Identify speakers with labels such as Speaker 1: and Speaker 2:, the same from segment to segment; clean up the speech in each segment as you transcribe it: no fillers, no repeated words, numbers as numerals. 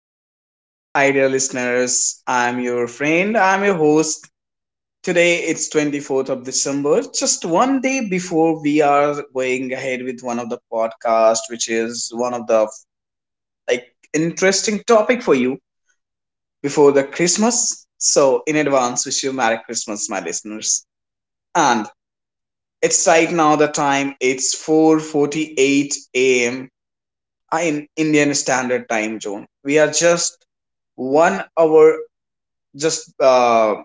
Speaker 1: dear folks. Hi, dear listeners. I'm your friend. I'm your host. Today it's 24th of December, just one day before we are going ahead with one of the podcast, which is one of the like interesting topic for you before the Christmas. So in advance, wish you Merry Christmas, my listeners. And it's right now the time. It's 4:48 a.m. in Indian Standard Time Zone. We are just 1 hour just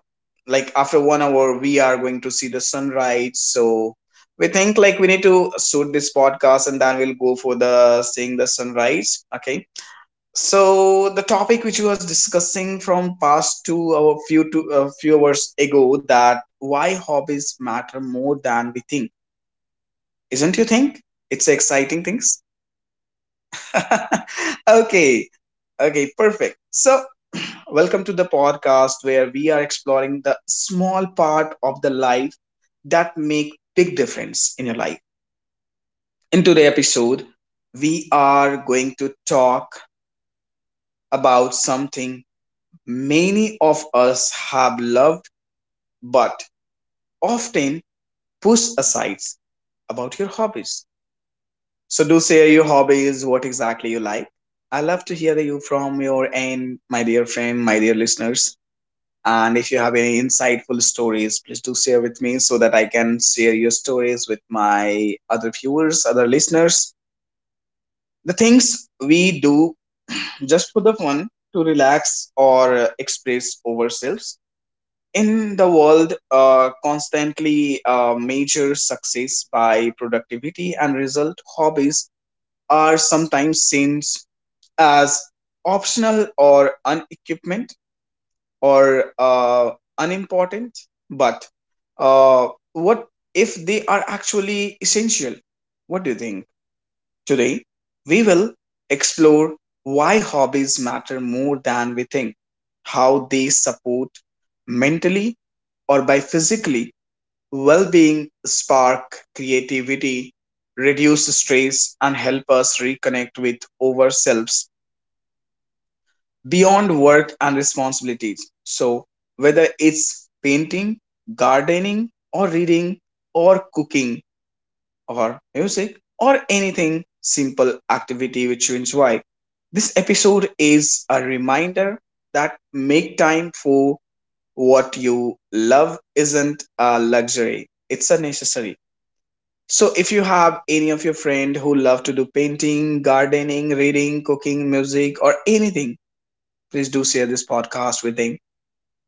Speaker 1: like after 1 hour we are going to see the sunrise, so we think like we need to shoot this podcast and then we'll go for the seeing the sunrise. Okay, so the topic which we was discussing from past two our few two a few hours ago, that why hobbies matter more than we think. Isn't you think it's exciting things? Okay. Okay, perfect. So, welcome to the podcast where we are exploring the small part of the life that make big difference in your life. In today's episode, we are going to talk about something many of us have loved but often push aside, about your hobbies. So do share your hobbies, what exactly you like. I love to hear you from your end, my dear friend, my dear listeners. And if you have any insightful stories, please do share with me so that I can share your stories with my other viewers, other listeners. The things we do just for the fun to relax or express ourselves in the world, constantly measure success by productivity and result. Hobbies are sometimes seen as optional or unequipment, or unimportant, but uh, what if they are actually essential? What do you think? Today we will explore why hobbies matter more than we think, how they support mentally or by physically well-being, spark creativity, reduce stress, and help us reconnect with ourselves beyond work and responsibilities. So, whether it's painting, gardening, or reading, or cooking, or music, or anything simple activity which you enjoy, this episode is a reminder that make time for what you love isn't a luxury, it's a necessary. So, if you have any of your friend who love to do painting, gardening, reading, cooking, music, or anything, please do share this podcast with them,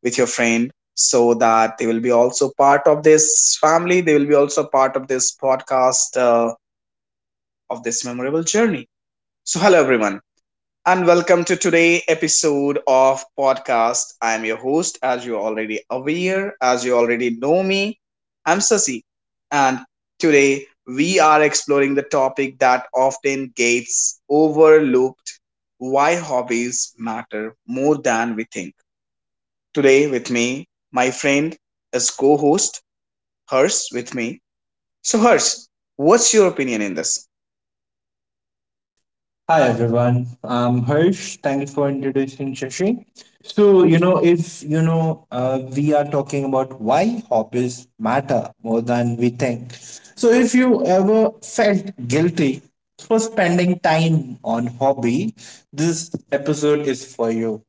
Speaker 1: with your friend, so that they will be also part of this family. They will be also part of this podcast, of this memorable journey. So, hello everyone, and welcome to today episode of podcast. I'm your host, as you already aware, as you already know me. I'm Sasi, and today we are exploring the topic that often gets overlooked: why hobbies matter more than we think. Today, with me, my friend is co-host Hers with me. So, Hers, what's your opinion in this?
Speaker 2: Hi everyone, I'm Harsh. Thank you for introducing Shashi. So, you know, if you know, we are talking about why hobbies matter more than we think. So, if you ever felt guilty for spending time on hobby, this episode is for you.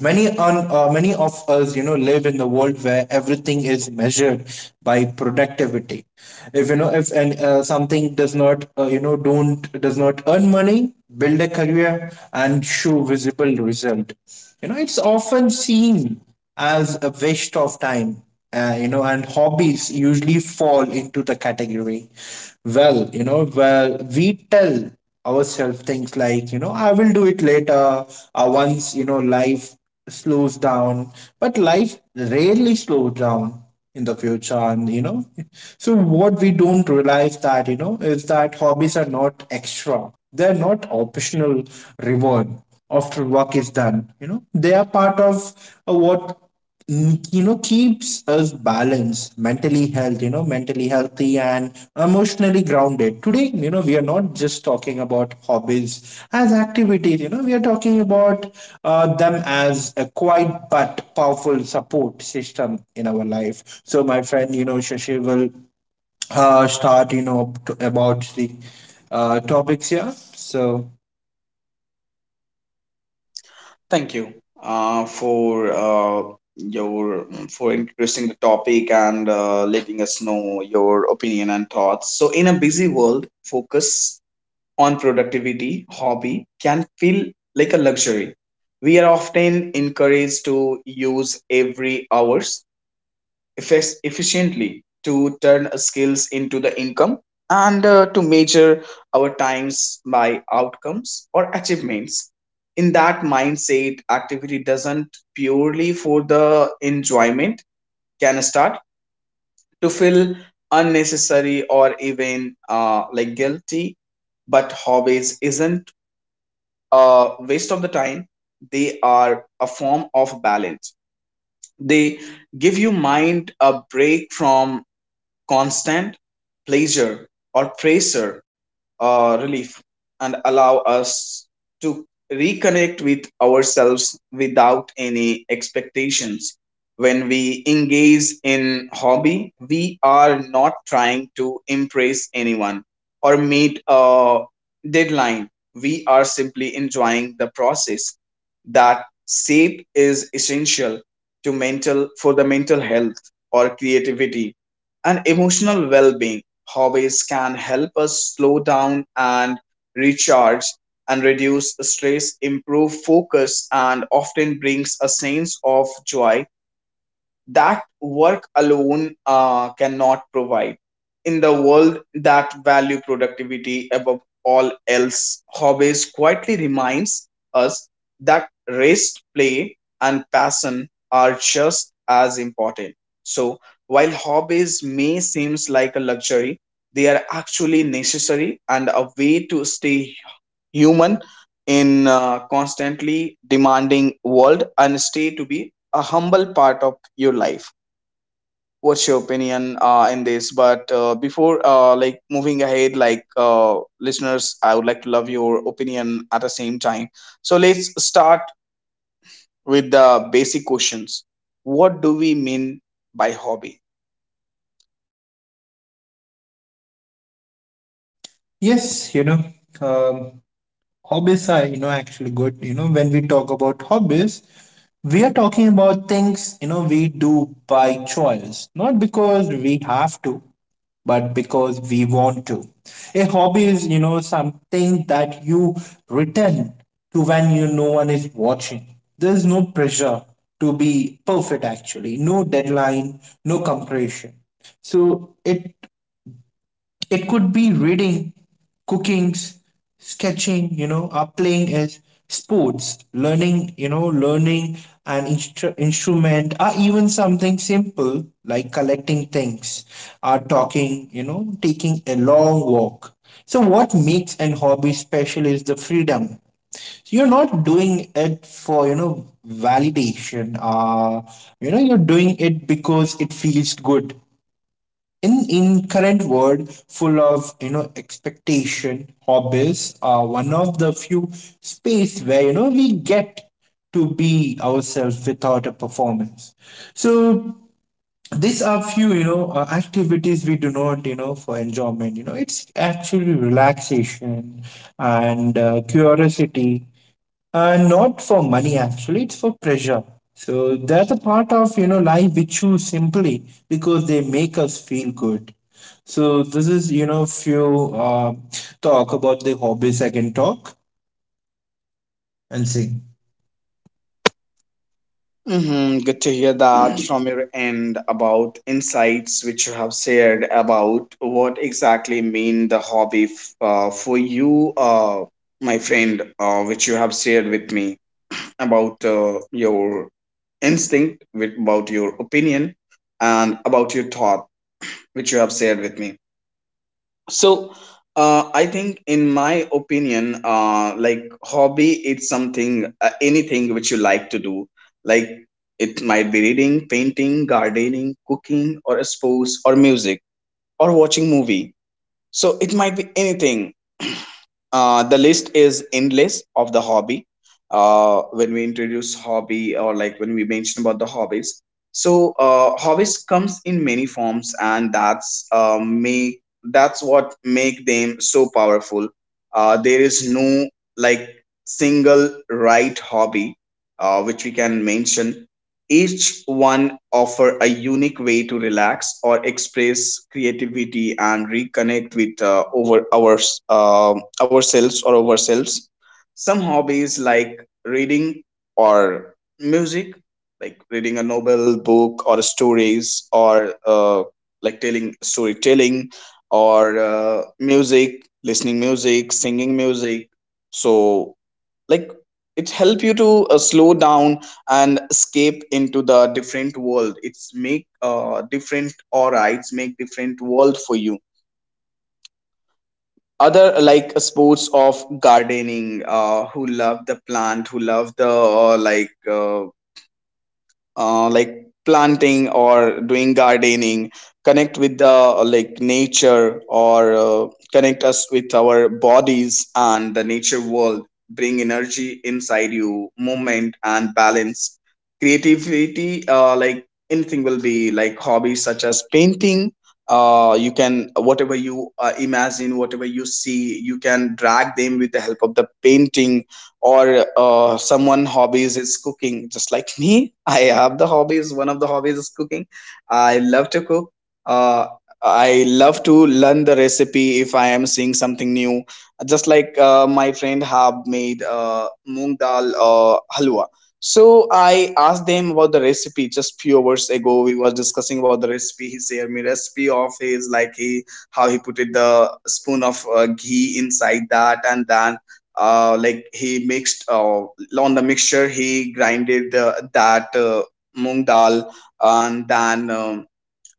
Speaker 2: Many of us live in the world where everything is measured by productivity. If you know if and uh, something does not you know don't does not earn money, build a career, and show visible result, it's often seen as a waste of time. And hobbies usually fall into the category. Well, we tell ourselves things like, I will do it later, once, life slows down, but life rarely slows down in the future. And you know So what we don't realize that you know is that hobbies are not extra, they're not optional reward after work is done. They are part of what, keeps us balanced, mentally healthy and emotionally grounded. Today, we are not just talking about hobbies as activities. We are talking about them as a quiet but powerful support system in our life. So my friend, Shashi, will start, about the topics here. So,
Speaker 1: Thank you for your for introducing the topic and letting us know your opinion and thoughts. So, in a busy world, focus on productivity, hobby can feel like a luxury. We are often encouraged to use every hours effects efficiently, to turn skills into the income, and to measure our times by outcomes or achievements. In that mindset, activity doesn't purely for the enjoyment can start to feel unnecessary, or even like guilty. But hobbies isn't a waste of the time. They are a form of balance. They give you mind a break from constant pleasure or pressure, relief, and allow us to reconnect with ourselves without any expectations. When we engage in hobby, we are not trying to impress anyone or meet a deadline. We are simply enjoying the process. That shape is essential to mental for the mental health or creativity and emotional well-being. Hobbies can help us slow down and recharge and reduce stress, improve focus, and often brings a sense of joy that work alone cannot provide. In the world that value productivity above all else, hobbies quietly reminds us that rest, play, and passion are just as important. So, while hobbies may seem like a luxury, they are actually necessary and a way to stay human in a constantly demanding world, and stay to be a humble part of your life. What's your opinion in this? But before like moving ahead, like listeners, I would like to love your opinion at the same time. So let's start with the basic questions. What do we mean by hobby?
Speaker 2: yes, um, hobbies are, actually good. When we talk about hobbies, we are talking about things, we do by choice, not because we have to, but because we want to. A hobby is, something that you return to when you no one is watching. There's no pressure to be perfect, actually no deadline, no compression. So it could be reading, cooking, sketching, or playing as sports, learning, learning an instrument, or even something simple like collecting things, or taking a long walk. So, what makes an hobby special is the freedom. You're not doing it for, validation. You're doing it because it feels good. In current world full of, expectation, hobbies are one of the few space where, we get to be ourselves without a performance. So these are few, activities we do, not for enjoyment. It's actually relaxation and curiosity, not for money, actually, it's for pressure. So they're the part of, life we choose simply because they make us feel good. So this is, if you talk about the hobbies, I can talk and sing.
Speaker 1: Hmm. Good to hear that from your end, about insights which you have shared about what exactly mean the hobby for you, my friend, which you have shared with me about your instinct, with, about your opinion, and about your thought, which you have shared with me. So, I think, in my opinion, like hobby, it's something, anything which you like to do. Like it might be reading, painting, gardening, cooking, or sports, or music, or watching movie. So it might be anything. The list is endless of the hobby. When we introduce hobby, or like when we mention about the hobbies, so hobbies comes in many forms, and that's what make them so powerful. There is no like single right hobby which we can mention. Each one offer a unique way to relax or express creativity and reconnect with over our ourselves or ourselves. Some hobbies like reading or music, like reading a novel, book, or stories, or like telling storytelling, or music, listening music, singing music. So like it help you to slow down and escape into the different world. It's make different aura, it's make different world for you. Other like sports of gardening, who love the plant, who love the like planting or doing gardening, connect with the like nature, or connect us with our bodies and the nature world, bring energy inside you, movement and balance. Creativity, like anything will be like hobbies, such as painting. You can whatever you imagine, whatever you see, you can drag them with the help of the painting. Or someone hobbies is cooking, just like me. I have the hobbies. One of the hobbies is cooking. I love to cook. uh, I love to learn the recipe if I am seeing something new. Just like my friend have made moong dal halwa. So I asked them about the recipe. Just few hours ago we was discussing about the recipe. He shared me recipe of his, like he how he put it the spoon of ghee inside that, and then like he mixed on the mixture, he grinded that moong dal, and then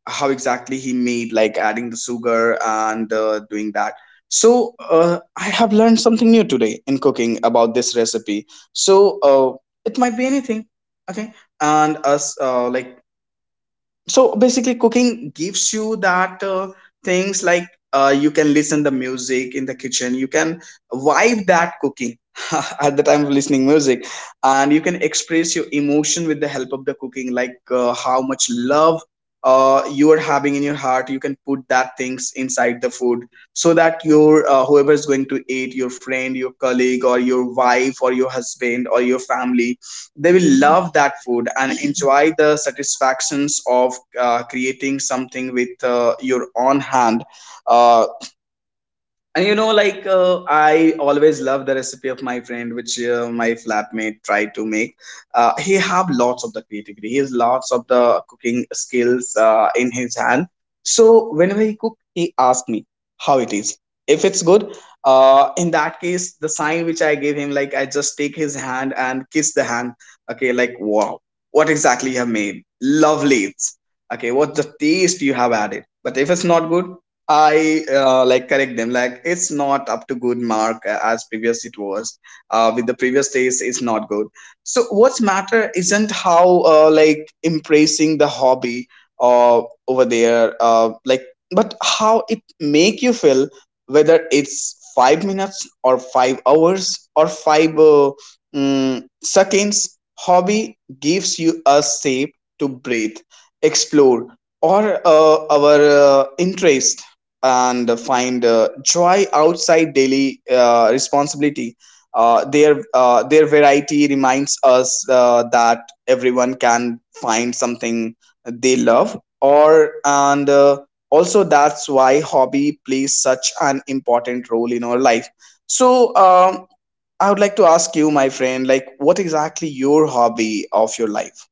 Speaker 1: how exactly he made, like adding the sugar and doing that. So I have learned something new today in cooking about this recipe. So it might be anything, okay. And us, like, so basically cooking gives you that things, like you can listen the music in the kitchen, you can vibe that cooking at the time of listening music. And you can express your emotion with the help of the cooking, like how much love you are having in your heart, you can put that things inside the food, so that your whoever is going to eat, your friend, your colleague, or your wife or your husband or your family, they will love that food and enjoy the satisfactions of creating something with your own hand. uh, and you know, like I always love the recipe of my friend, which my flatmate tried to make. He have lots of the creativity. He has lots of the cooking skills in his hand. So whenever he cook, he asked me how it is. If it's good, in that case, the sign which I gave him, like I just take his hand and kiss the hand. Okay, like wow, what exactly you have made? Lovely. It's okay. What the taste you have added. But if it's not good, I like correct them, like it's not up to good mark as previous it was, with the previous days it's not good. So what's matter isn't how like embracing the hobby uh, over there, like but how it make you feel. Whether it's 5 minutes or 5 hours or five seconds, hobby gives you a shape to breathe, explore, or our interest, and find joy outside daily responsibility. Their variety reminds us that everyone can find something they love, or and also that's why hobby plays such an important role in our life. So I would like to ask you, my friend, like what exactly your hobby of your life?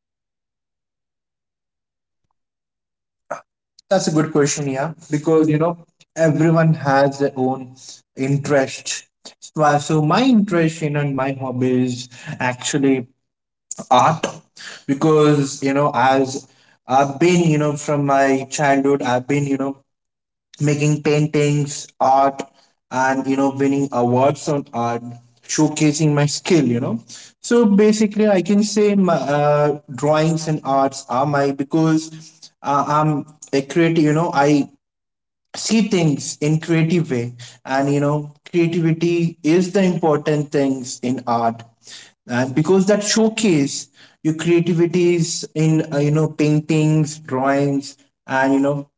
Speaker 2: That's a good question, yeah, because, everyone has their own interest. So my interest, and my hobby is actually art, because as I've been, from my childhood, I've been, making paintings, art, and, winning awards on art, showcasing my skill. So basically, I can say my drawings and arts are my, because I'm a creative, I see things in creative way. And, creativity is the important things in art, and because that showcase your creativities in, paintings, drawings. And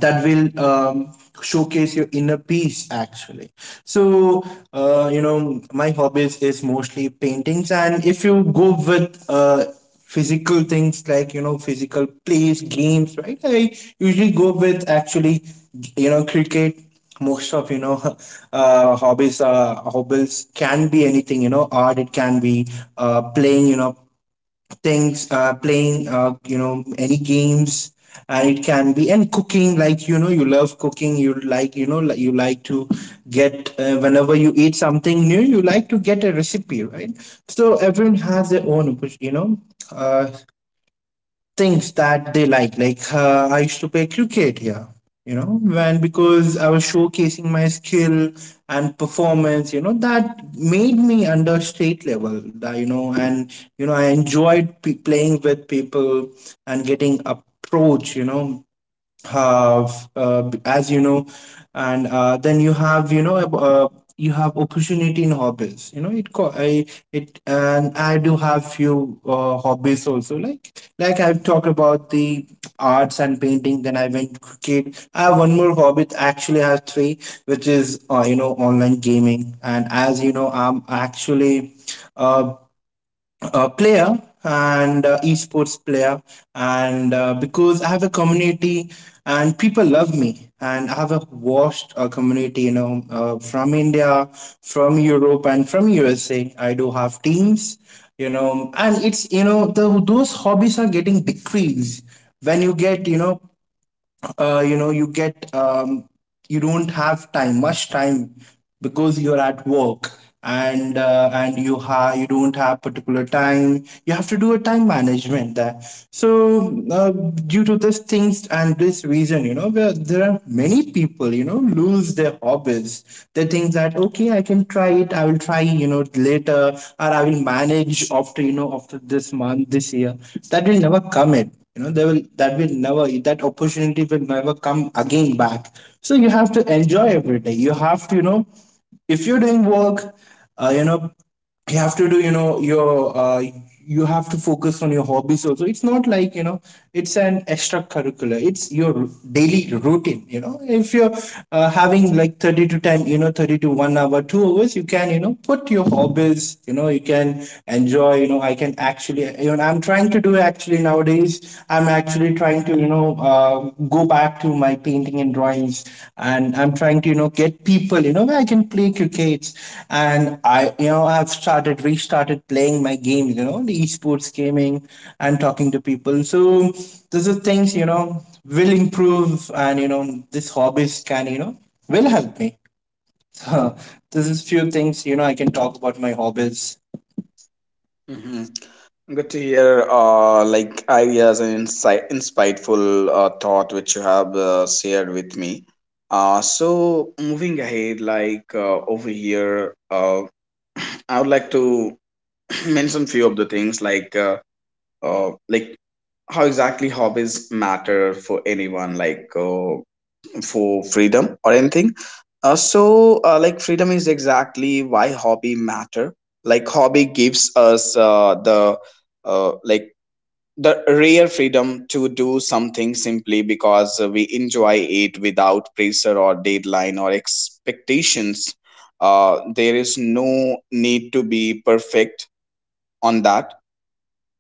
Speaker 2: that will, showcase your inner peace actually. So, my hobbies is mostly paintings. And if you go with, physical things, like, physical plays games, right, I usually go with, actually, cricket, most of, hobbies can be anything, art. It can be playing, you know things playing, any games. And it can be, and cooking, like, you love cooking, you like, like you like to get, whenever you eat something new, you like to get a recipe, right? So everyone has their own, uh, things that they like. Like, I used to play cricket here, and because I was showcasing my skill and performance, that made me under state level. That, I enjoyed playing with people and getting approach, have, as you know and then you have opportunity in hobbies, it and I do have few hobbies also, like, I've talked about the arts and painting, then I went cricket, I have one more hobby, actually, I have three, which is, online gaming. And as you know, I'm actually, uh, a player, and esports player. And because I have a community, and people love me, and I have a vast community, from India, from Europe, and from USA, I do have teams. And it's, those hobbies are getting decreased when you get, you get, you don't have time much time, because you're at work. And you don't have particular time, you have to do a time management there. So, due to this things and this reason, there are many people, lose their hobbies. They think that, okay, I can try it, I will try, later, or I will manage after, after this month, this year. That will never come in, you know they will that will never that opportunity will never come again back. So you have to enjoy every day. You have to, if you're doing work, uh, you know you have to do, you have to focus on your hobbies also. It's not like, it's an extracurricular, it's your daily routine. If you're having like 30 to time you know 30 to 1 hour, 2 hours, you can, put your hobbies, you can enjoy. You know I can actually you know I'm trying to do, actually, nowadays. I'm actually trying to, go back to my painting and drawings. And I'm trying to, get people, where I can play cricket. And I you know I've started restarted playing my game, the esports gaming, and talking to people. So those are things, will improve. And, this hobbies, can you know will help me. So this is few things, I can talk about my hobbies.
Speaker 1: Good to hear, like ideas and insightful thought which you have shared with me. So moving ahead, over here, I would like to mention few of the things like how exactly hobbies matter for anyone, for freedom or anything. So like freedom is exactly why hobby matter. Like hobby gives us the uh, like the rare freedom to do something simply because we enjoy it without pressure or deadline or expectations. There is no need to be perfect on that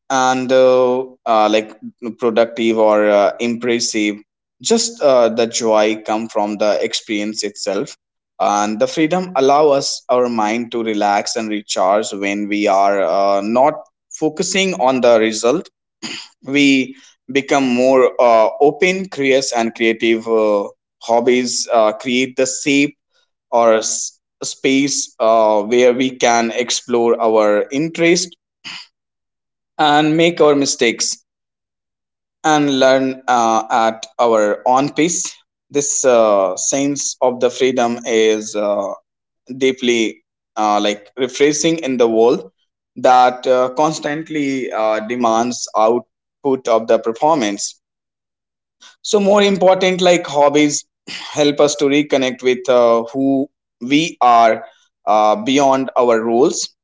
Speaker 1: and productive or impressive. Just the joy come from the experience itself. And the freedom allow us our mind to relax and recharge when we are not focusing on the result we become more open, curious, and creative. Hobbies create the shape or space where we can explore our interest and make our mistakes and learn at our own pace. This sense of the freedom is deeply refreshing in the world that constantly demands output of the performance. So more important, like hobbies help us to reconnect with who we are beyond our roles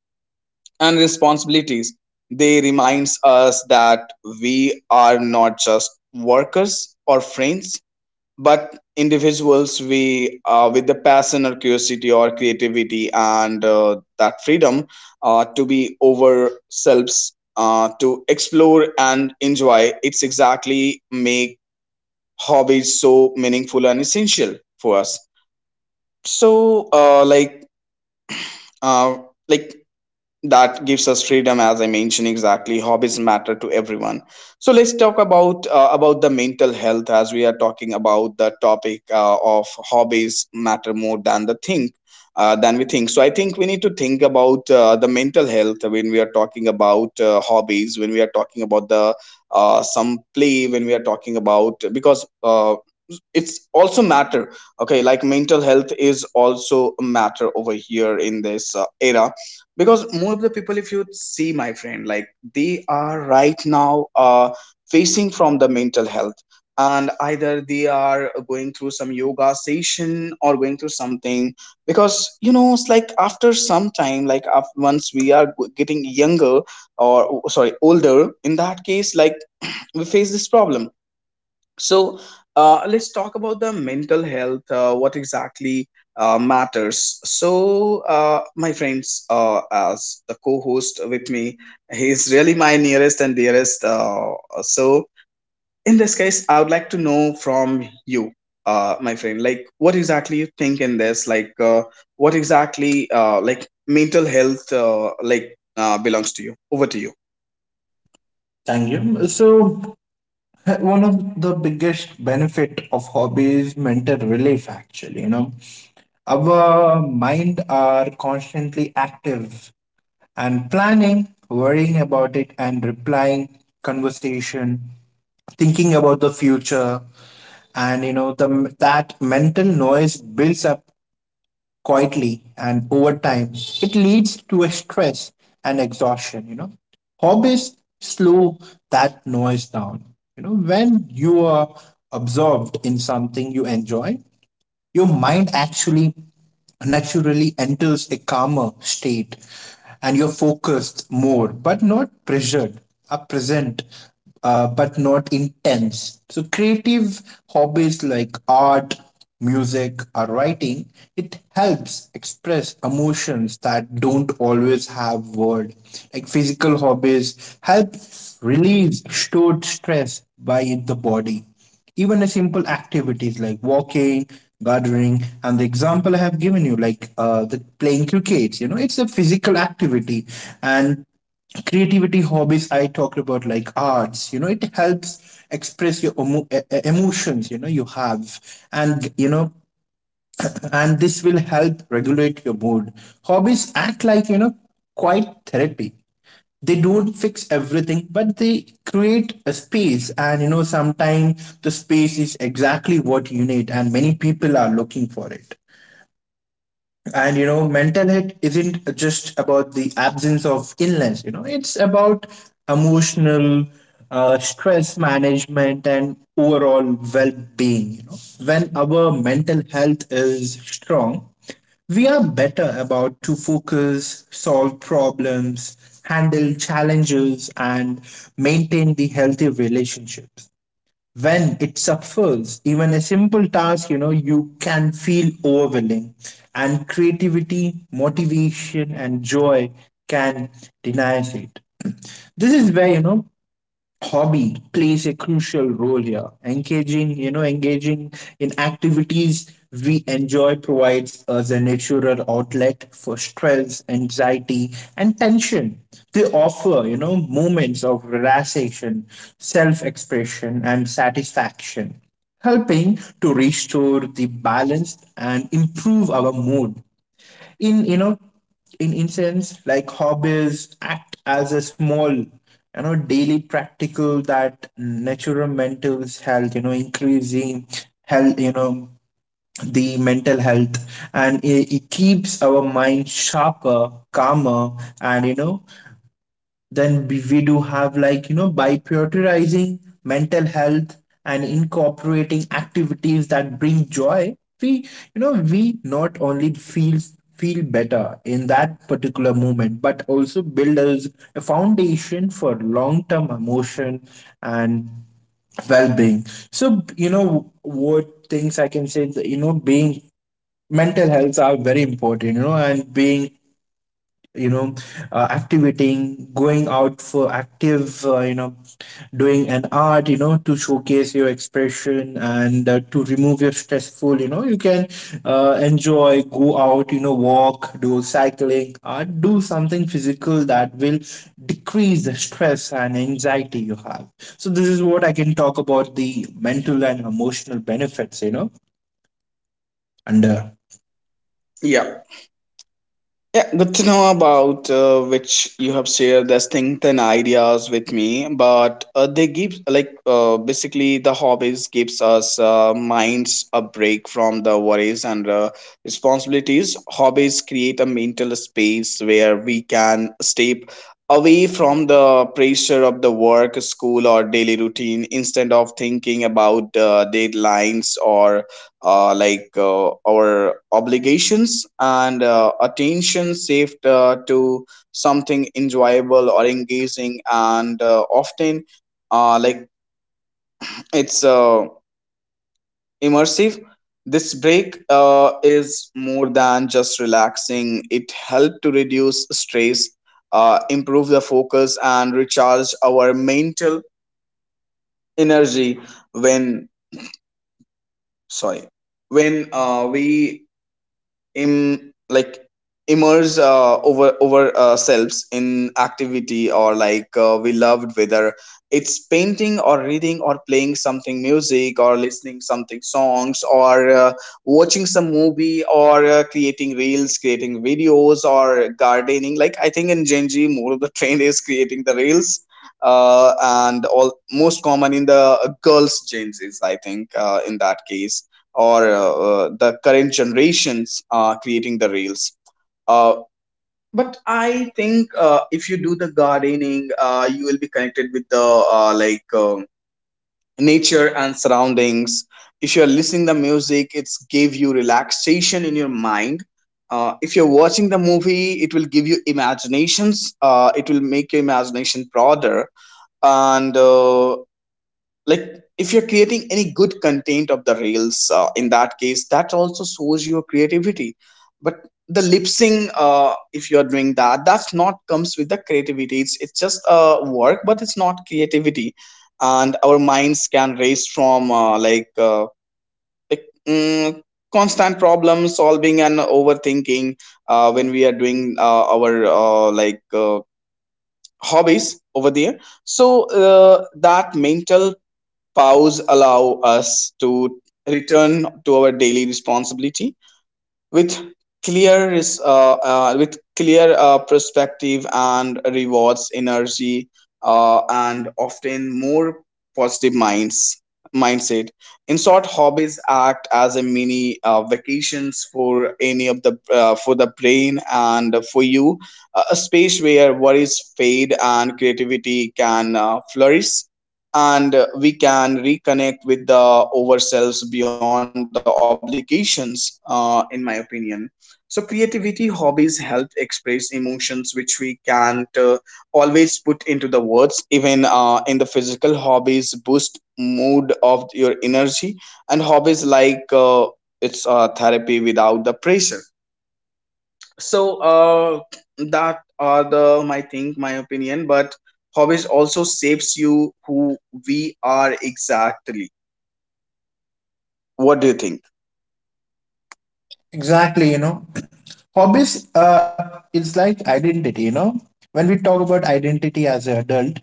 Speaker 1: and responsibilities. They reminds us that we are not just workers or friends, but individuals we with the passion or curiosity or creativity and that freedom to be ourselves, to explore and enjoy. It's exactly make hobby is so meaningful and essential for us. So uh, like uh, like that gives us freedom as I mentioned exactly hobbies matter to everyone. So let's talk about the mental health as we are talking about the topic of hobbies matter more than the think than we think. So I think we need to think about the mental health when we are talking about hobbies, when we are talking about the some play, when we are talking about because it's also matter. Okay, like mental health is also a matter over here in this era because more of the people, if you see my friend, like they are right now facing from the mental health and either they are going through some yoga session or going through something because you know it's like after some time like af once we are getting younger or oh, sorry, older in that case, like we face this problem. So let's talk about the mental health, what exactly matters. So, my friends, as the co host with me, he's really my nearest and dearest. So, in this case, I would like to know from you. My friend, like, what exactly you think in this? Like, what exactly, like, mental health, belongs to you? Over to you.
Speaker 2: Thank you. So one of the biggest benefit of hobby is mental relief, actually. Our mind are constantly active, and planning, worrying about it, and replying conversation, thinking about the future, and, you know the that mental noise builds up quietly, and over time it leads to a stress and exhaustion. Hobbies slow that noise down. When you are absorbed in something you enjoy, your mind actually naturally enters a calmer state, and you're focused more, but not pressured, are present, but not intense. So, creative hobbies like art, music, or writing, it helps express emotions that don't always have word. Like physical hobbies help release stored stress by the body. Even a simple activities like walking, gardening, and the example I have given you, like, the playing cricket, it's a physical activity. And creativity hobbies I talked about, like arts, it helps express your emotions, you have. And you know And this will help regulate your mood. Hobbies act like, quite therapy. They don't fix everything, but they create a space. And, sometimes the space is exactly what you need, and many people are looking for it. And, mental health isn't just about the absence of illness, it's about emotional, stress management, and overall well being. When our mental health is strong, we are better about to focus, solve problems, handle challenges, and maintain the healthy relationships. When it suffers, even a simple task, you can feel overwhelming, and creativity, motivation, and joy can deny it. This is where, hobby plays a crucial role here. Engaging in activities we enjoy provides us a natural outlet for stress, anxiety, and tension. They offer, moments of relaxation, self expression, and satisfaction, helping to restore the balance and improve our mood in in instance like hobbies act as a small, daily practical that natural mental health you know increasing health, the mental health. And it keeps our mind sharper, calmer. And then we do have, like, by prioritizing mental health and incorporating activities that bring joy, we, we not only feel better in that particular moment, but also build us a foundation for long-term emotion and well-being. So, what things I can say, that, being mental health are very important, and being you know activating, going out for active, doing an art, to showcase your expression, and to remove your stressful, you can enjoy, go out, walk, do cycling, or do something physical that will decrease the stress and anxiety you have. So this is what I can talk about, the mental and emotional benefits, under.
Speaker 1: Yeah. Yeah, good to know about which you have shared the things and ideas with me. But they give like basically the hobbies gives us minds a break from the worries and responsibilities. Hobbies create a mental space where we can step away from the pressure of the work, school, or daily routine instead of thinking about deadlines or our obligations and attention saved to something enjoyable or engaging and often uh, like it's immersive. This break is more than just relaxing, it helped to reduce stress, improve the focus and recharge our mental energy when, sorry, when we Im like immerse over ourselves in activity or like we loved, whether it's painting or reading or playing something music or listening something songs or watching some movie or creating reels, creating videos or gardening. Like I think in gen Z more of the trend is creating the reels, uh, and all most common in the girls gen Z's I think in that case or the current generations creating the reels. Uh, but I think if you do the gardening, you will be connected with the nature and surroundings. If you are listening the music, it's give you relaxation in your mind. If you're watching the movie, it will give you imaginations. It will make your imagination broader and if you're creating any good content of the reels in that case that also shows your creativity. But the lip sync, if you're doing that, that's not comes with the creativity, it's just work but it's not creativity. And our minds can race from like mm, constant problem solving and overthinking when we are doing our hobbies over there. So that mental pause allow us to return to our daily responsibility with with clear perspective and rewards energy, and often more positive mindset. In short, hobbies act as a mini vacations for any of the for the brain and for you, a space where worries fade and creativity can flourish and we can reconnect with the ourselves beyond the obligations, in my opinion. So, creativity hobbies help express emotions which we can't always put into the words. Even in the physical hobbies, boost mood of your energy, and hobbies like it's therapy without the pressure. So, that are the my think, my opinion. But hobbies also shapes you who we are exactly. What do you think?
Speaker 2: Exactly, hobbies, it's like identity, you know. When we talk about identity as an adult,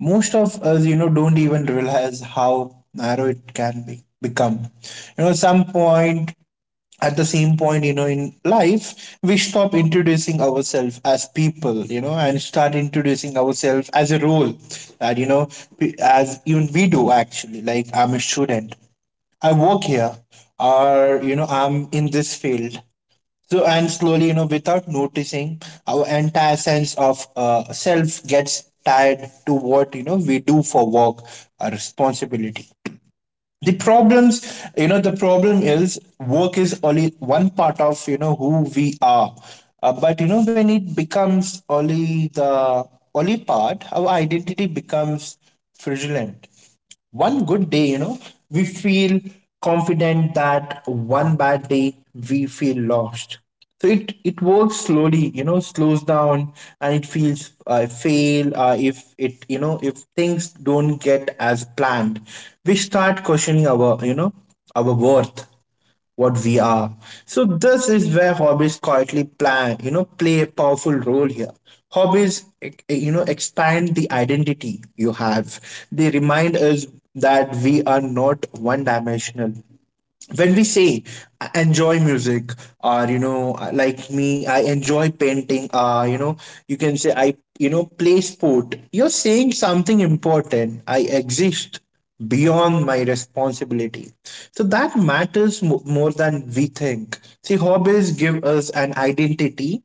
Speaker 2: most of us, don't even realize how narrow it can be become. You know, some point, at the same point, in life, we stop introducing ourselves as people, and start introducing ourselves as a role that, as even we do actually. Like, I'm a student, I work here, or, I'm in this field. So, and slowly, without noticing, our entire sense of self gets tied to what, we do for work, our responsibility. The problem is work is only one part of, who we are. But, when it becomes only the only part, our identity becomes fraudulent. One good day, we feel confident; that one bad day we feel lost. So it works slowly, slows down, and it feels fail if it, if things don't get as planned. We start questioning our our worth, what we are. So this is where hobbies quietly plan, play a powerful role here. Hobbies, expand the identity you have. They remind us that we are not one dimensional. When we say, "I enjoy music, or like me, I enjoy painting," you can say I, play sport, you're saying something important. I exist beyond my responsibility. So that matters more than we think. See, hobbies give us an identity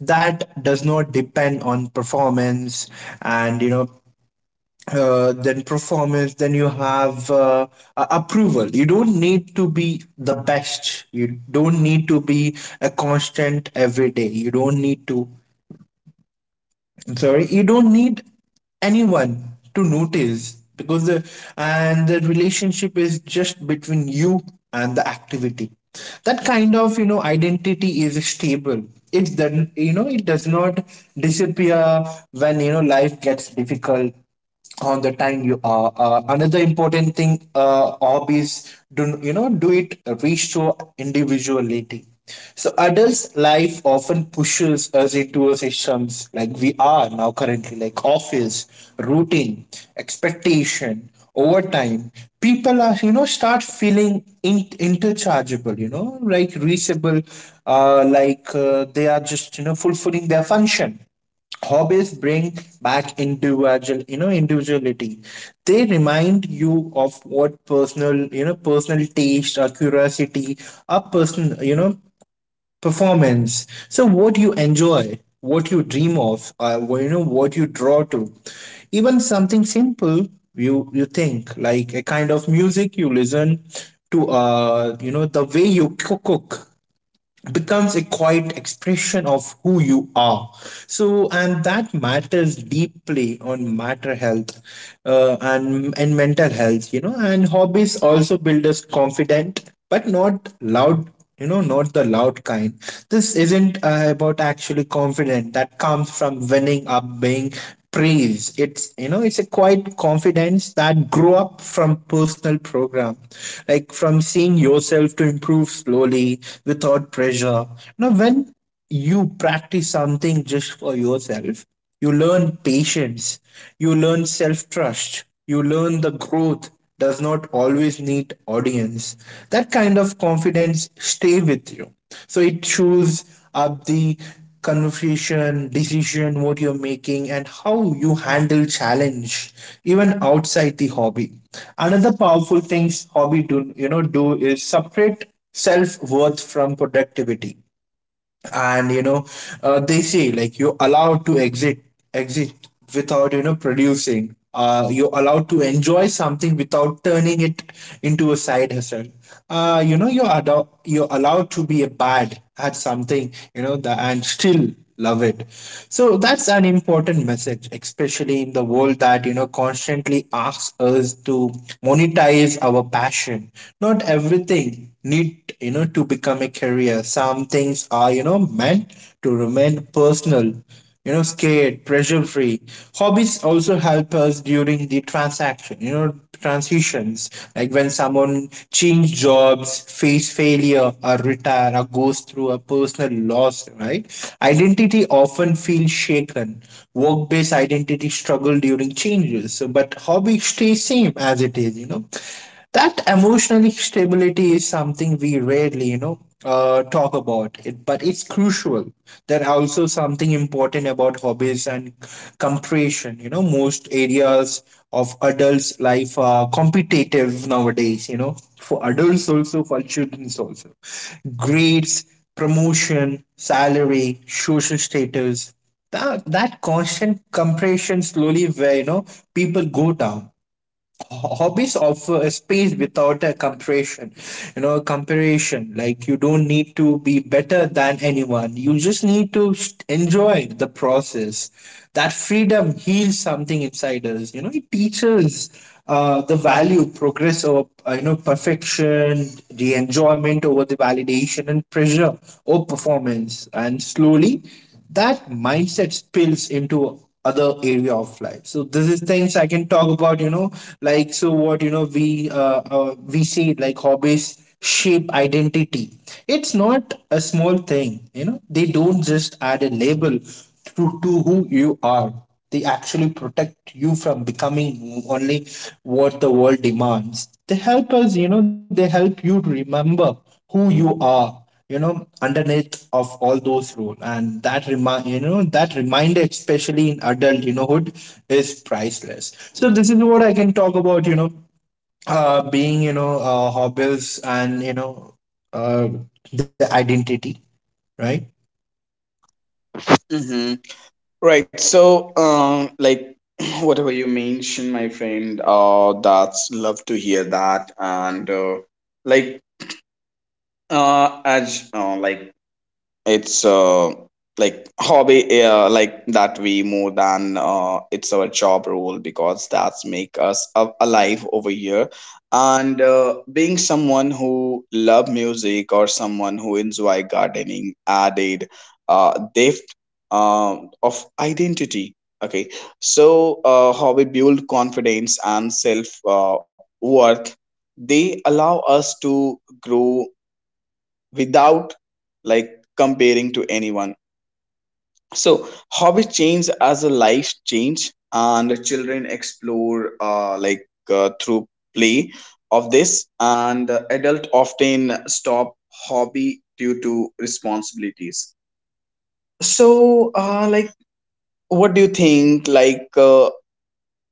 Speaker 2: that does not depend on performance. And, then performance, then you have approval. You don't need to be the best. You don't need to be a constant every day. You don't need to. I'm sorry, you don't need anyone to notice, because the and the relationship is just between you and the activity. That kind of, identity is stable. It's that, it does not disappear when, life gets difficult on the time you are. Another important thing, hobbies do, do it restore individuality. So adults' life often pushes us into systems, like we are now currently, like office, routine, expectation. Over time, people are, start feeling interchangeable, like reachable, they are just, fulfilling their function. Hobbies bring back individual, individuality. They remind you of what personal, personal taste or curiosity, or personal, performance. So what you enjoy, what you dream of, what you draw to, even something simple. You think, like, a kind of music you listen to, the way you cook becomes a quiet expression of who you are. So, and that matters deeply on matter health, and mental health, you know. And hobbies also build us confident, but not loud, not the loud kind. This isn't about actually confident that comes from winning up, being praise. It's, it's a quiet confidence that grew up from personal program, like from seeing yourself to improve slowly, without pressure. Now, when you practice something just for yourself, you learn patience, you learn self trust, you learn the growth does not always need audience. That kind of confidence stay with you. So it shows up the conversation, decision, what you're making, and how you handle challenge, even outside the hobby. Another powerful things hobby do, do is separate self worth from productivity. And, they say, like, you're allowed to exit without, producing. You're allowed to enjoy something without turning it into a side hustle. You're, you're allowed to be a bad at something, and still love it. So that's an important message, especially in the world that, constantly asks us to monetize our passion. Not everything need, to become a career. Some things are, meant to remain personal, scared, pressure free. Hobbies also help us during the transaction, transitions, like when someone change jobs, face failure, or retire, or goes through a personal loss, right? Identity often feels shaken. Work-based identity struggle during changes, so, but hobby stays same as it is, you know. That emotional stability is something we rarely, talk about it, but it's crucial. There are also something important about hobbies and compression, most areas of adults life are competitive nowadays, for adults also, for children also: grades, promotion, salary, social status. That constant compression slowly where, people go down. Hobbies offer a space without a comparison, comparison, like you don't need to be better than anyone, you just need to enjoy the process. That freedom heals something inside us, it teaches the value, progress over, perfection, the enjoyment over the validation, and pressure or performance. And slowly, that mindset spills into other area of life. So this is things I can talk about, like. So what, we, we say, like, hobbies shape identity. It's not a small thing, they don't just add a label to who you are. They actually protect you from becoming only what the world demands. They help us, they help you to remember who you are, underneath of all those rules. And that remind, that reminder, especially in adult, hood, is priceless. So this is what I can talk about, being, hobbies, and, uh the identity, right?
Speaker 1: Right. So, like whatever you mentioned, my friend, that's love to hear that, and like, as like it's hobby that we more than it's our job role because that's make us alive over here and being someone who love music or someone who enjoy gardening added depth of identity. Okay, so hobby build confidence and self worth. They allow us to grow without like comparing to anyone. So hobby change as a life change, and children explore through play of this, and adult often stop hobby due to responsibilities. So like, what do you think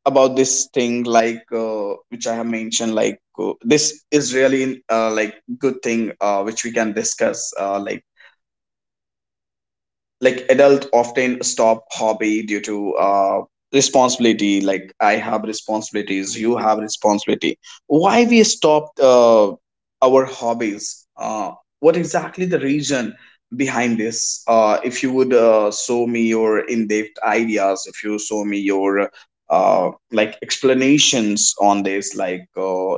Speaker 1: about this thing which I have mentioned like this is really good thing which we can discuss like adult often stop hobby due to responsibility. Like I have responsibilities, you have responsibility, why we stopped our hobbies, what exactly the reason behind this? If you would show me your in-depth ideas, if you show me your explanations on this like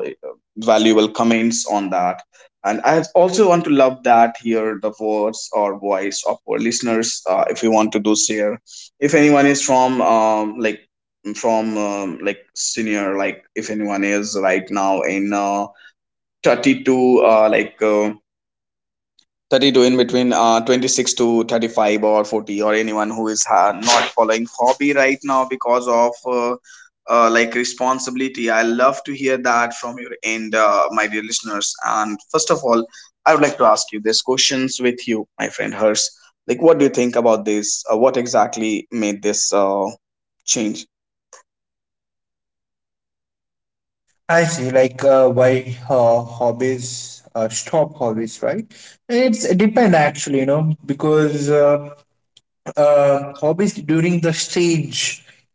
Speaker 1: valuable comments on that. And I also want to love that hear the words or voice of our listeners if you want to do share. If anyone is from from senior, like if anyone is right now in 32, 32 in between 26 to 35 or 40 or anyone who is not following hobby right now because of responsibility, I love to hear that from your end, my dear listeners. And first of all I would like to ask you these questions with you, my friend hers, like what do you think about this, what exactly made this change?
Speaker 2: I see, like, why, hobbies, stop hobbies, right? It's it depend actually, because, hobbies during the stage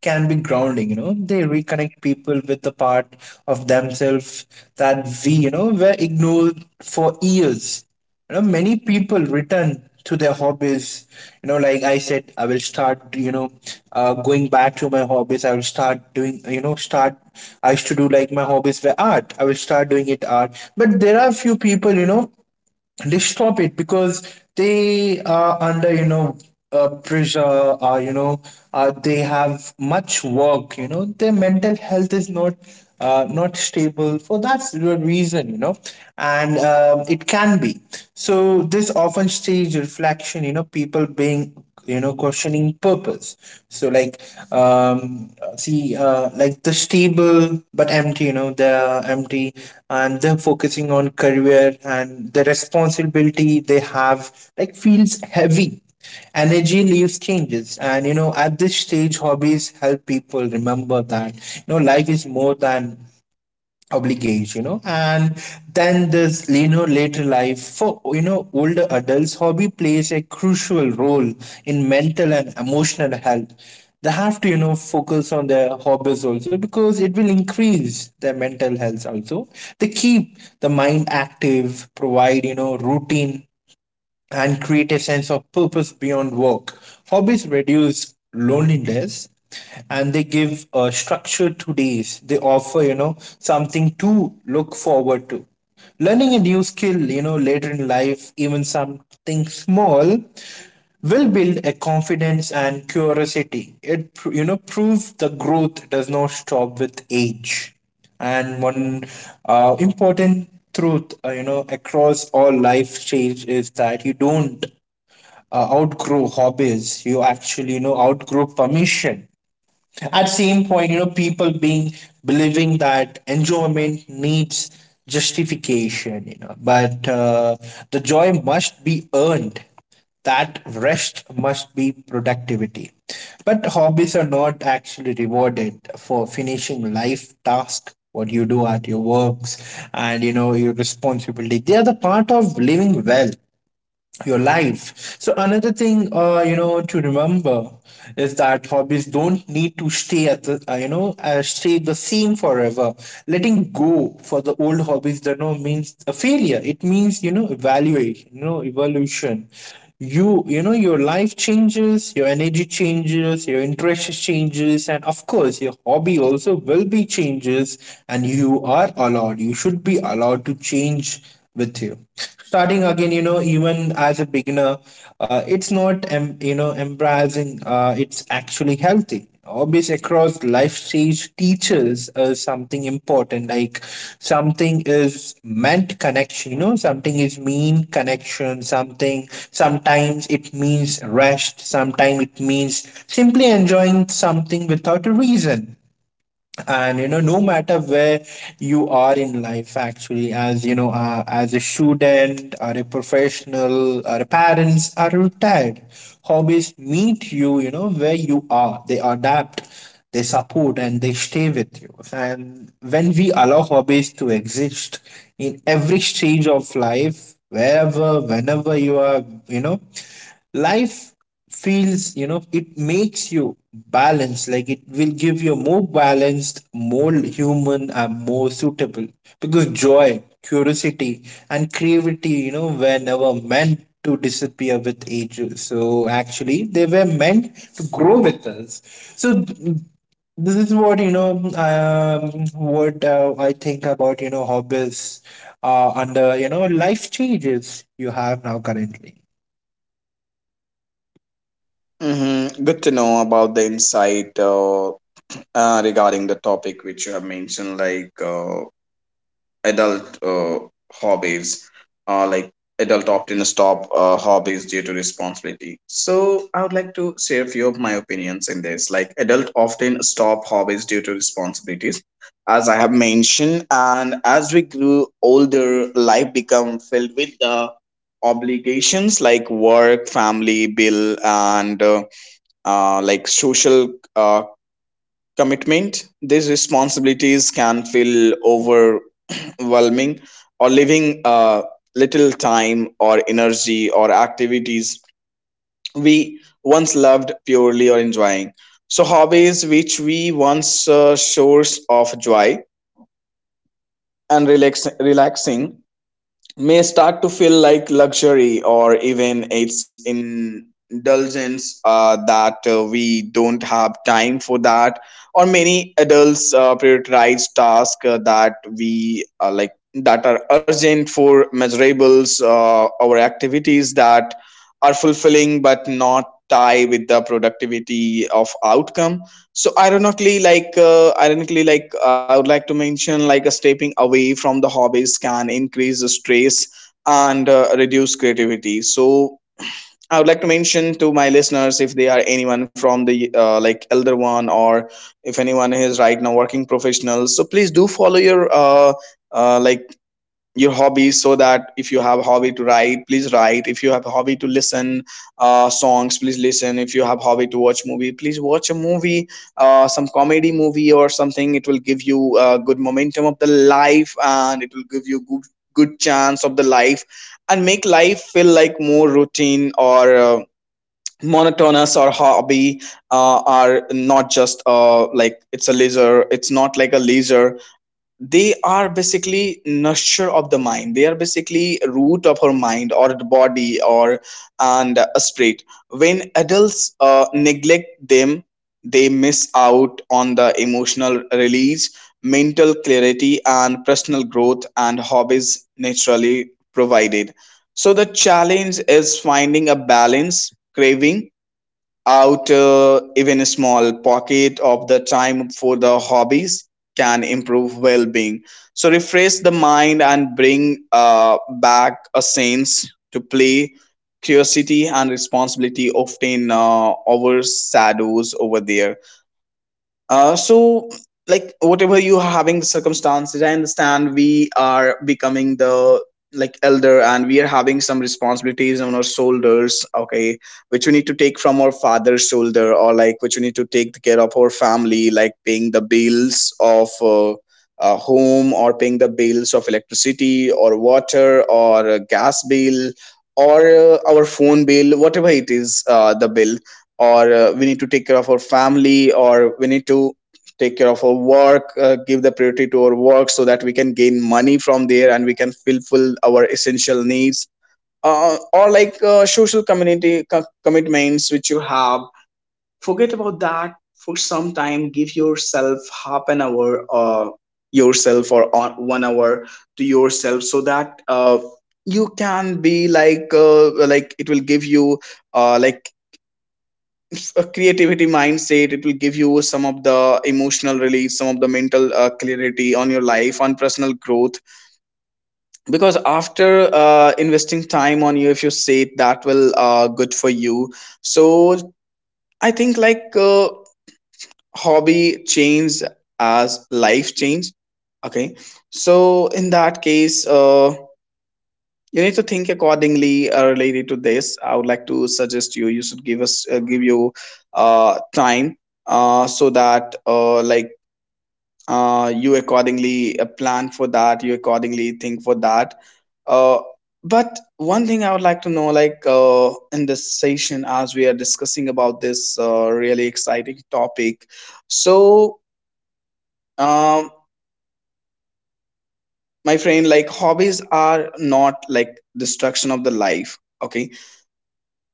Speaker 2: can be grounding, they reconnect people with the part of themselves that we, were ignored for years. You know, many people return to their hobbies, like I said, I will start, going back to my hobbies. I will start doing, start. I used to do, like, my hobbies were art. I will start doing it, art. But there are few people, they stop it because they are under, pressure, they have much work, their mental health is not not stable for that reason, you know. And, it can be. So this often stage reflection, people being, questioning purpose. So, like, um see, like the stable but empty, they're empty, and they're focusing on career, and the responsibility they have like feels heavy, energy leaves changes. And, at this stage hobbies help people remember that, life is more than obligate, and then this, later life, for, older adults, hobby plays a crucial role in mental and emotional health. They have to, focus on their hobbies also, because it will increase their mental health also. They keep the mind active, provide, routine, and create a sense of purpose beyond work. Hobbies reduce loneliness, and they give a structure to days. They offer, something to look forward to. Learning a new skill, later in life, even something small, will build a confidence and curiosity. It proves the growth does not stop with age. And one important truth, across all life stage is that you don't outgrow hobbies. You actually, outgrow permission. At same point, people being believing that enjoyment needs justification, but the joy must be earned. That rest must be productivity. But hobbies are not actually rewarded for finishing life task, what you do at your works and, your responsibility. They are the part of living well your life. So another thing, to remember is that hobbies don't need to stay at the, you know, stay the same forever. Letting go for the old hobbies, that no means a failure. It means evaluation, evolution. Your life changes, your energy changes, your interest changes, and of course your hobby also will be changes. And you are allowed, you should be allowed to change with you, starting again, even as a beginner. It's not embarrassing. It's actually healthy. Hobbies across life stage teaches us something important, like something is meant connection, something is mean connection, something, sometimes it means rest, sometimes it means simply enjoying something without a reason. And no matter where you are in life, actually, as you know as a student or a professional or a parents or retired, hobbies meet you you know where you are. They adapt, they support, and they stay with you. And when we allow hobbies to exist in every stage of life, wherever, whenever you are, you know life feels, it makes you balanced. Like, it will give you a more balanced, more human and more suitable. Because joy, curiosity and creativity, were never meant to disappear with age. So actually they were meant to grow with us. So this is what you know um, what I think about hobbies under life changes you have now currently.
Speaker 1: Mm-hmm. Good to know about the insight, regarding the topic which you have mentioned, like adult hobbies. Like adult often stop hobbies due to responsibility, so I would like to share a few of my opinions in this. Like adult often stop hobbies due to responsibilities as I have mentioned, and as we grew older life become filled with the obligations like work, family, bill, and like social commitment. These responsibilities can feel overwhelming or leaving uh, little time or energy or activities we once loved purely or enjoying. So hobbies which we once source of joy and relaxing may start to feel like luxury or even it's indulgence that we don't have time for that. Or many adults prioritize tasks that we like that are urgent for measurables, or activities that are fulfilling but not tie with the productivity of outcome. So ironically, like I would like to mention, like a stepping away from the hobbies can increase the stress and reduce creativity. So I would like to mention to my listeners, if they are anyone from the like elder one, or if anyone is right now working professionals, so please do follow your like your hobbies. So that if you have hobby to write, please write. If you have hobby to listen songs, please listen. If you have hobby to watch movie, please watch a movie, some comedy movie or something. It will give you good momentum of the life, and it will give you good good chance of the life, and make life feel like more routine or monotonous. Or hobby are not just like it's a leisure, it's not like a leisure. They are basically nurture of the mind. They are basically root of our mind or the body or and a spirit. When adults neglect them, they miss out on the emotional release, mental clarity, and personal growth and hobbies naturally provided. So the challenge is finding a balance, craving out even a small pocket of the time for the hobbies can improve well-being. So refresh the mind and bring back a sense to play. Curiosity and responsibility often overshadows over there. So like whatever you are having the circumstances, I understand we are becoming the like elder and we are having some responsibilities on our shoulders, okay, which we need to take from our father's shoulder, or like which we need to take the care of our family, like paying the bills of a home, or paying the bills of electricity or water or a gas bill, or our phone bill, whatever it is, the bill. Or we need to take care of our family, or we need to take care of our work, give the priority to our work so that we can gain money from there and we can fulfill our essential needs, or like social community commitments which you have. Forget about that for some time. Give yourself half an hour, yourself, or on 1 hour to yourself so that you can be like, like it will give you like a creativity mindset. It will give you some of the emotional release, some of the mental clarity on your life, on personal growth. Because after investing time on you, if you say it, that will good for you. So I think like hobby change as life change, okay? So in that case, you need to think accordingly. Related to this, I would like to suggest you, you should give us, give you time, so that like you accordingly plan for that, you accordingly think for that. uh, but one thing I would like to know, like in this session, as we are discussing about this really exciting topic. So um, my friend, like hobbies are not like destruction of the life, okay?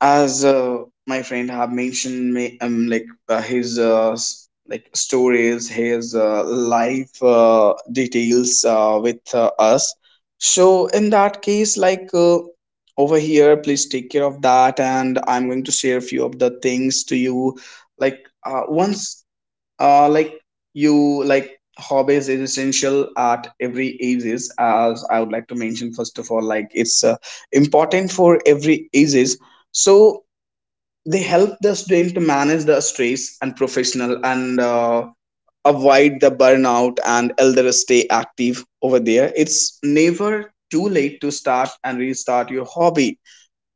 Speaker 1: As my friend have mentioned me, like his like stories, his life details with us. So in that case, like over here please take care of that, and I'm going to share a few of the things to you. Like once like you like hobbies is essential at every ages. As I would like to mention, first of all, like it's important for every ages. So they help the student to manage the stress and professional and avoid the burnout, and elder stay active over there. It's never too late to start and restart your hobby.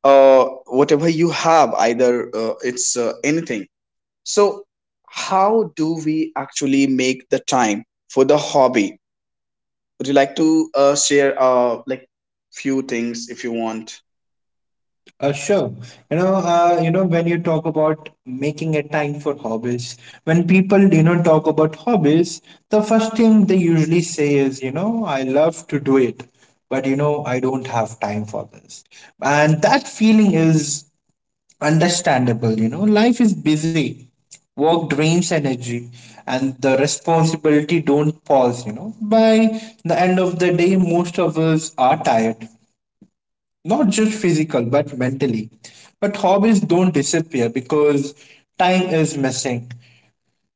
Speaker 1: uh Whatever you have, either it's anything. So, how do we actually make the time for the hobby? Would you like to share like few things if you want?
Speaker 2: Sure. When you talk about making a time for hobbies, when people, talk about hobbies, the first thing they usually say is, I love to do it, but I don't have time for this. And that feeling is understandable. Life is busy. Work drains energy and the responsibility don't pause. By the end of the day, most of us are tired, not just physical but mentally. But hobbies don't disappear because time is missing.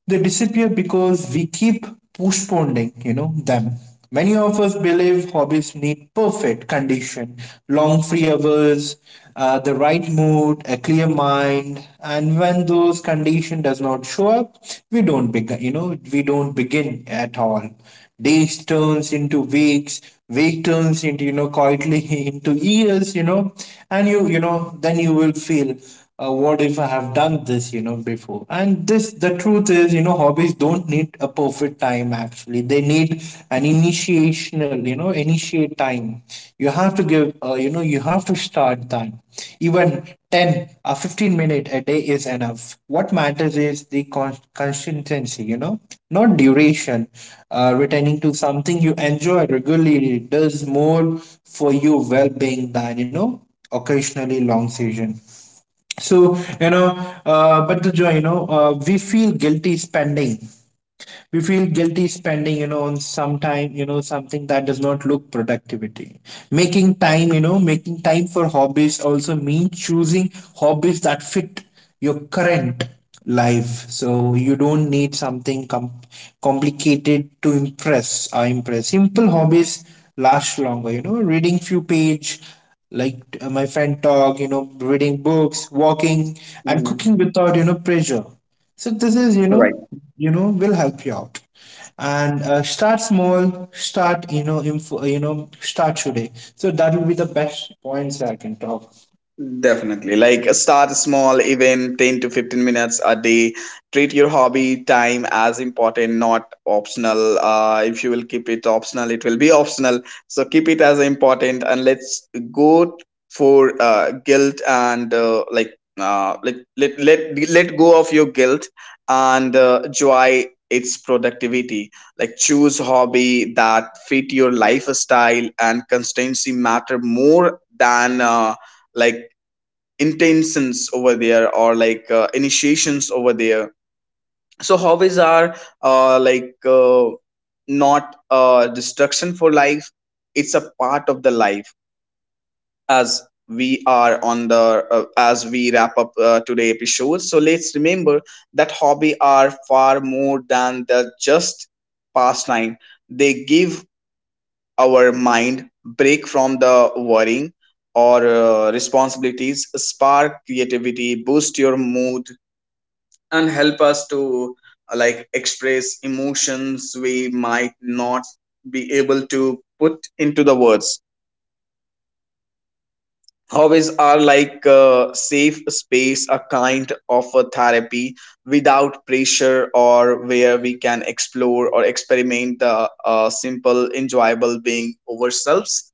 Speaker 2: They disappear because we keep postponing them. Many of us believe hobbies need perfect condition, long free hours, the right mood, a clear mind. And when those condition does not show up, we don't begin, we don't begin at all. Days turns into weeks, week turns into, quietly, into years. And you know then you will feel, what if I have done this before. And this the truth is, hobbies don't need a perfect time. Actually they need an initiational you know initiate time. You have to give, you have to start that. Even 10 or 15 minutes a day is enough. What matters is the consistency, not duration. Returning to something you enjoy regularly does more for your well being than, occasionally long season. So but the joy, we feel guilty spending on some time, something that does not look productivity. Making time for hobbies also means choosing hobbies that fit your current life. So you don't need something complicated to impress or impress. Simple hobbies last longer, reading few page, like, my friend talk, reading books, walking, and
Speaker 1: Mm-hmm.
Speaker 2: cooking without, pressure. So this is, will help you out. And start small, start, start today. So that will be the best points I can talk.
Speaker 1: Definitely. Like start small, even 10 to 15 minutes a day. Treat your hobby time as important, not optional. If you will keep it optional, it will be optional. So keep it as important, and let's go for guilt and like let go of your guilt and joy its productivity. Like choose hobby that fit your lifestyle, and constancy matter more than like intentions over there, or like initiations over there. So hobbies are like not a destruction for life, it's a part of the life. As we are on the, as we wrap up today episode, so let's remember that hobby are far more than the just pastime. They give our mind break from the worrying or responsibilities, spark creativity, boost your mood, and help us to like express emotions we might not be able to put into the words. Hobbies are like a safe space, a kind of a therapy without pressure, or where we can explore or experiment the simple, enjoyable being ourselves.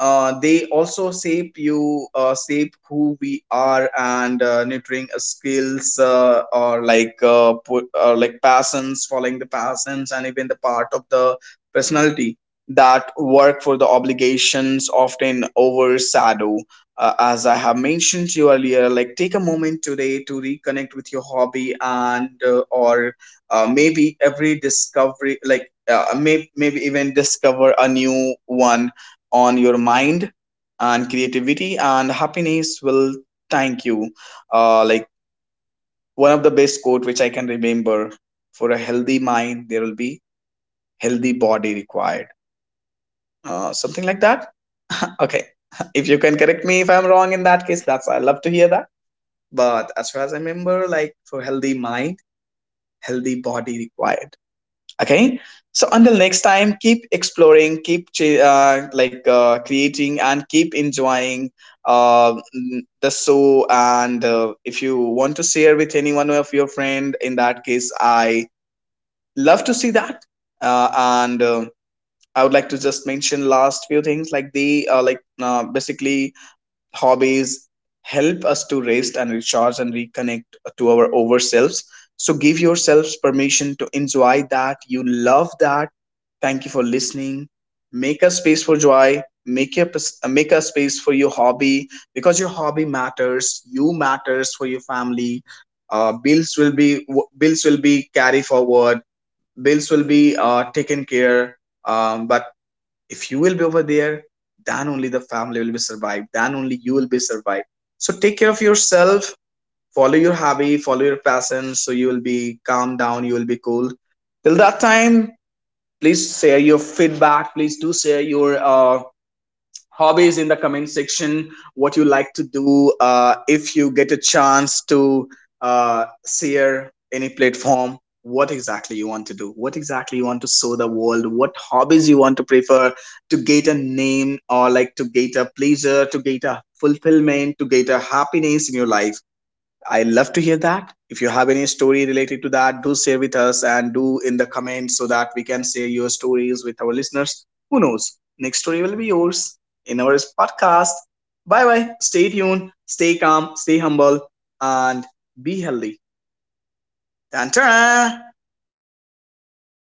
Speaker 1: They also shape you, shape who we are, and nurturing skills or like like passions, following the passions, and even the part of the personality that work for the obligations often overshadow. As I have mentioned to you earlier, like take a moment today to reconnect with your hobby, and or maybe every discovery, like maybe even discover a new one on your mind, and creativity and happiness will thank you. Like one of the best quote which I can remember: for a healthy mind there will be healthy body required, something like that. Okay. If you can correct me if I'm wrong, in that case that's I love to hear that. But as far as I remember, like for healthy mind, healthy body required. Okay. So until next time, keep exploring, like creating, and keep enjoying the show. And if you want to share with any one of your friend, in that case I love to see that. And I would like to just mention last few things, like they like basically hobbies help us to rest and recharge and reconnect to our over selves. So give yourselves permission to enjoy that. You love that. Thank you for listening. Make a space for joy. Make a make a space for your hobby, because your hobby matters. You matters for your family. Bills will be carried forward. Bills will be taken care. But if you will be over there, then only the family will be survived, then only you will be survived. So take care of yourself, follow your hobby, follow your passion, so you will be calm down, you will be cool. Till that time, please share your feedback, please do share your hobbies in the comment section, what you like to do. If you get a chance to share any platform, what exactly you want to do, what exactly you want to show the world, what hobbies you want to prefer, to get a name, or like to get a pleasure, to get a fulfillment, to get a happiness in your life. I love to hear that. If you have any story related to that, do share with us and do in the comments, so that we can share your stories with our listeners. Who knows? Next story will be yours in our podcast. Bye bye. Stay tuned, stay calm, stay humble, and be healthy. Tan-tan!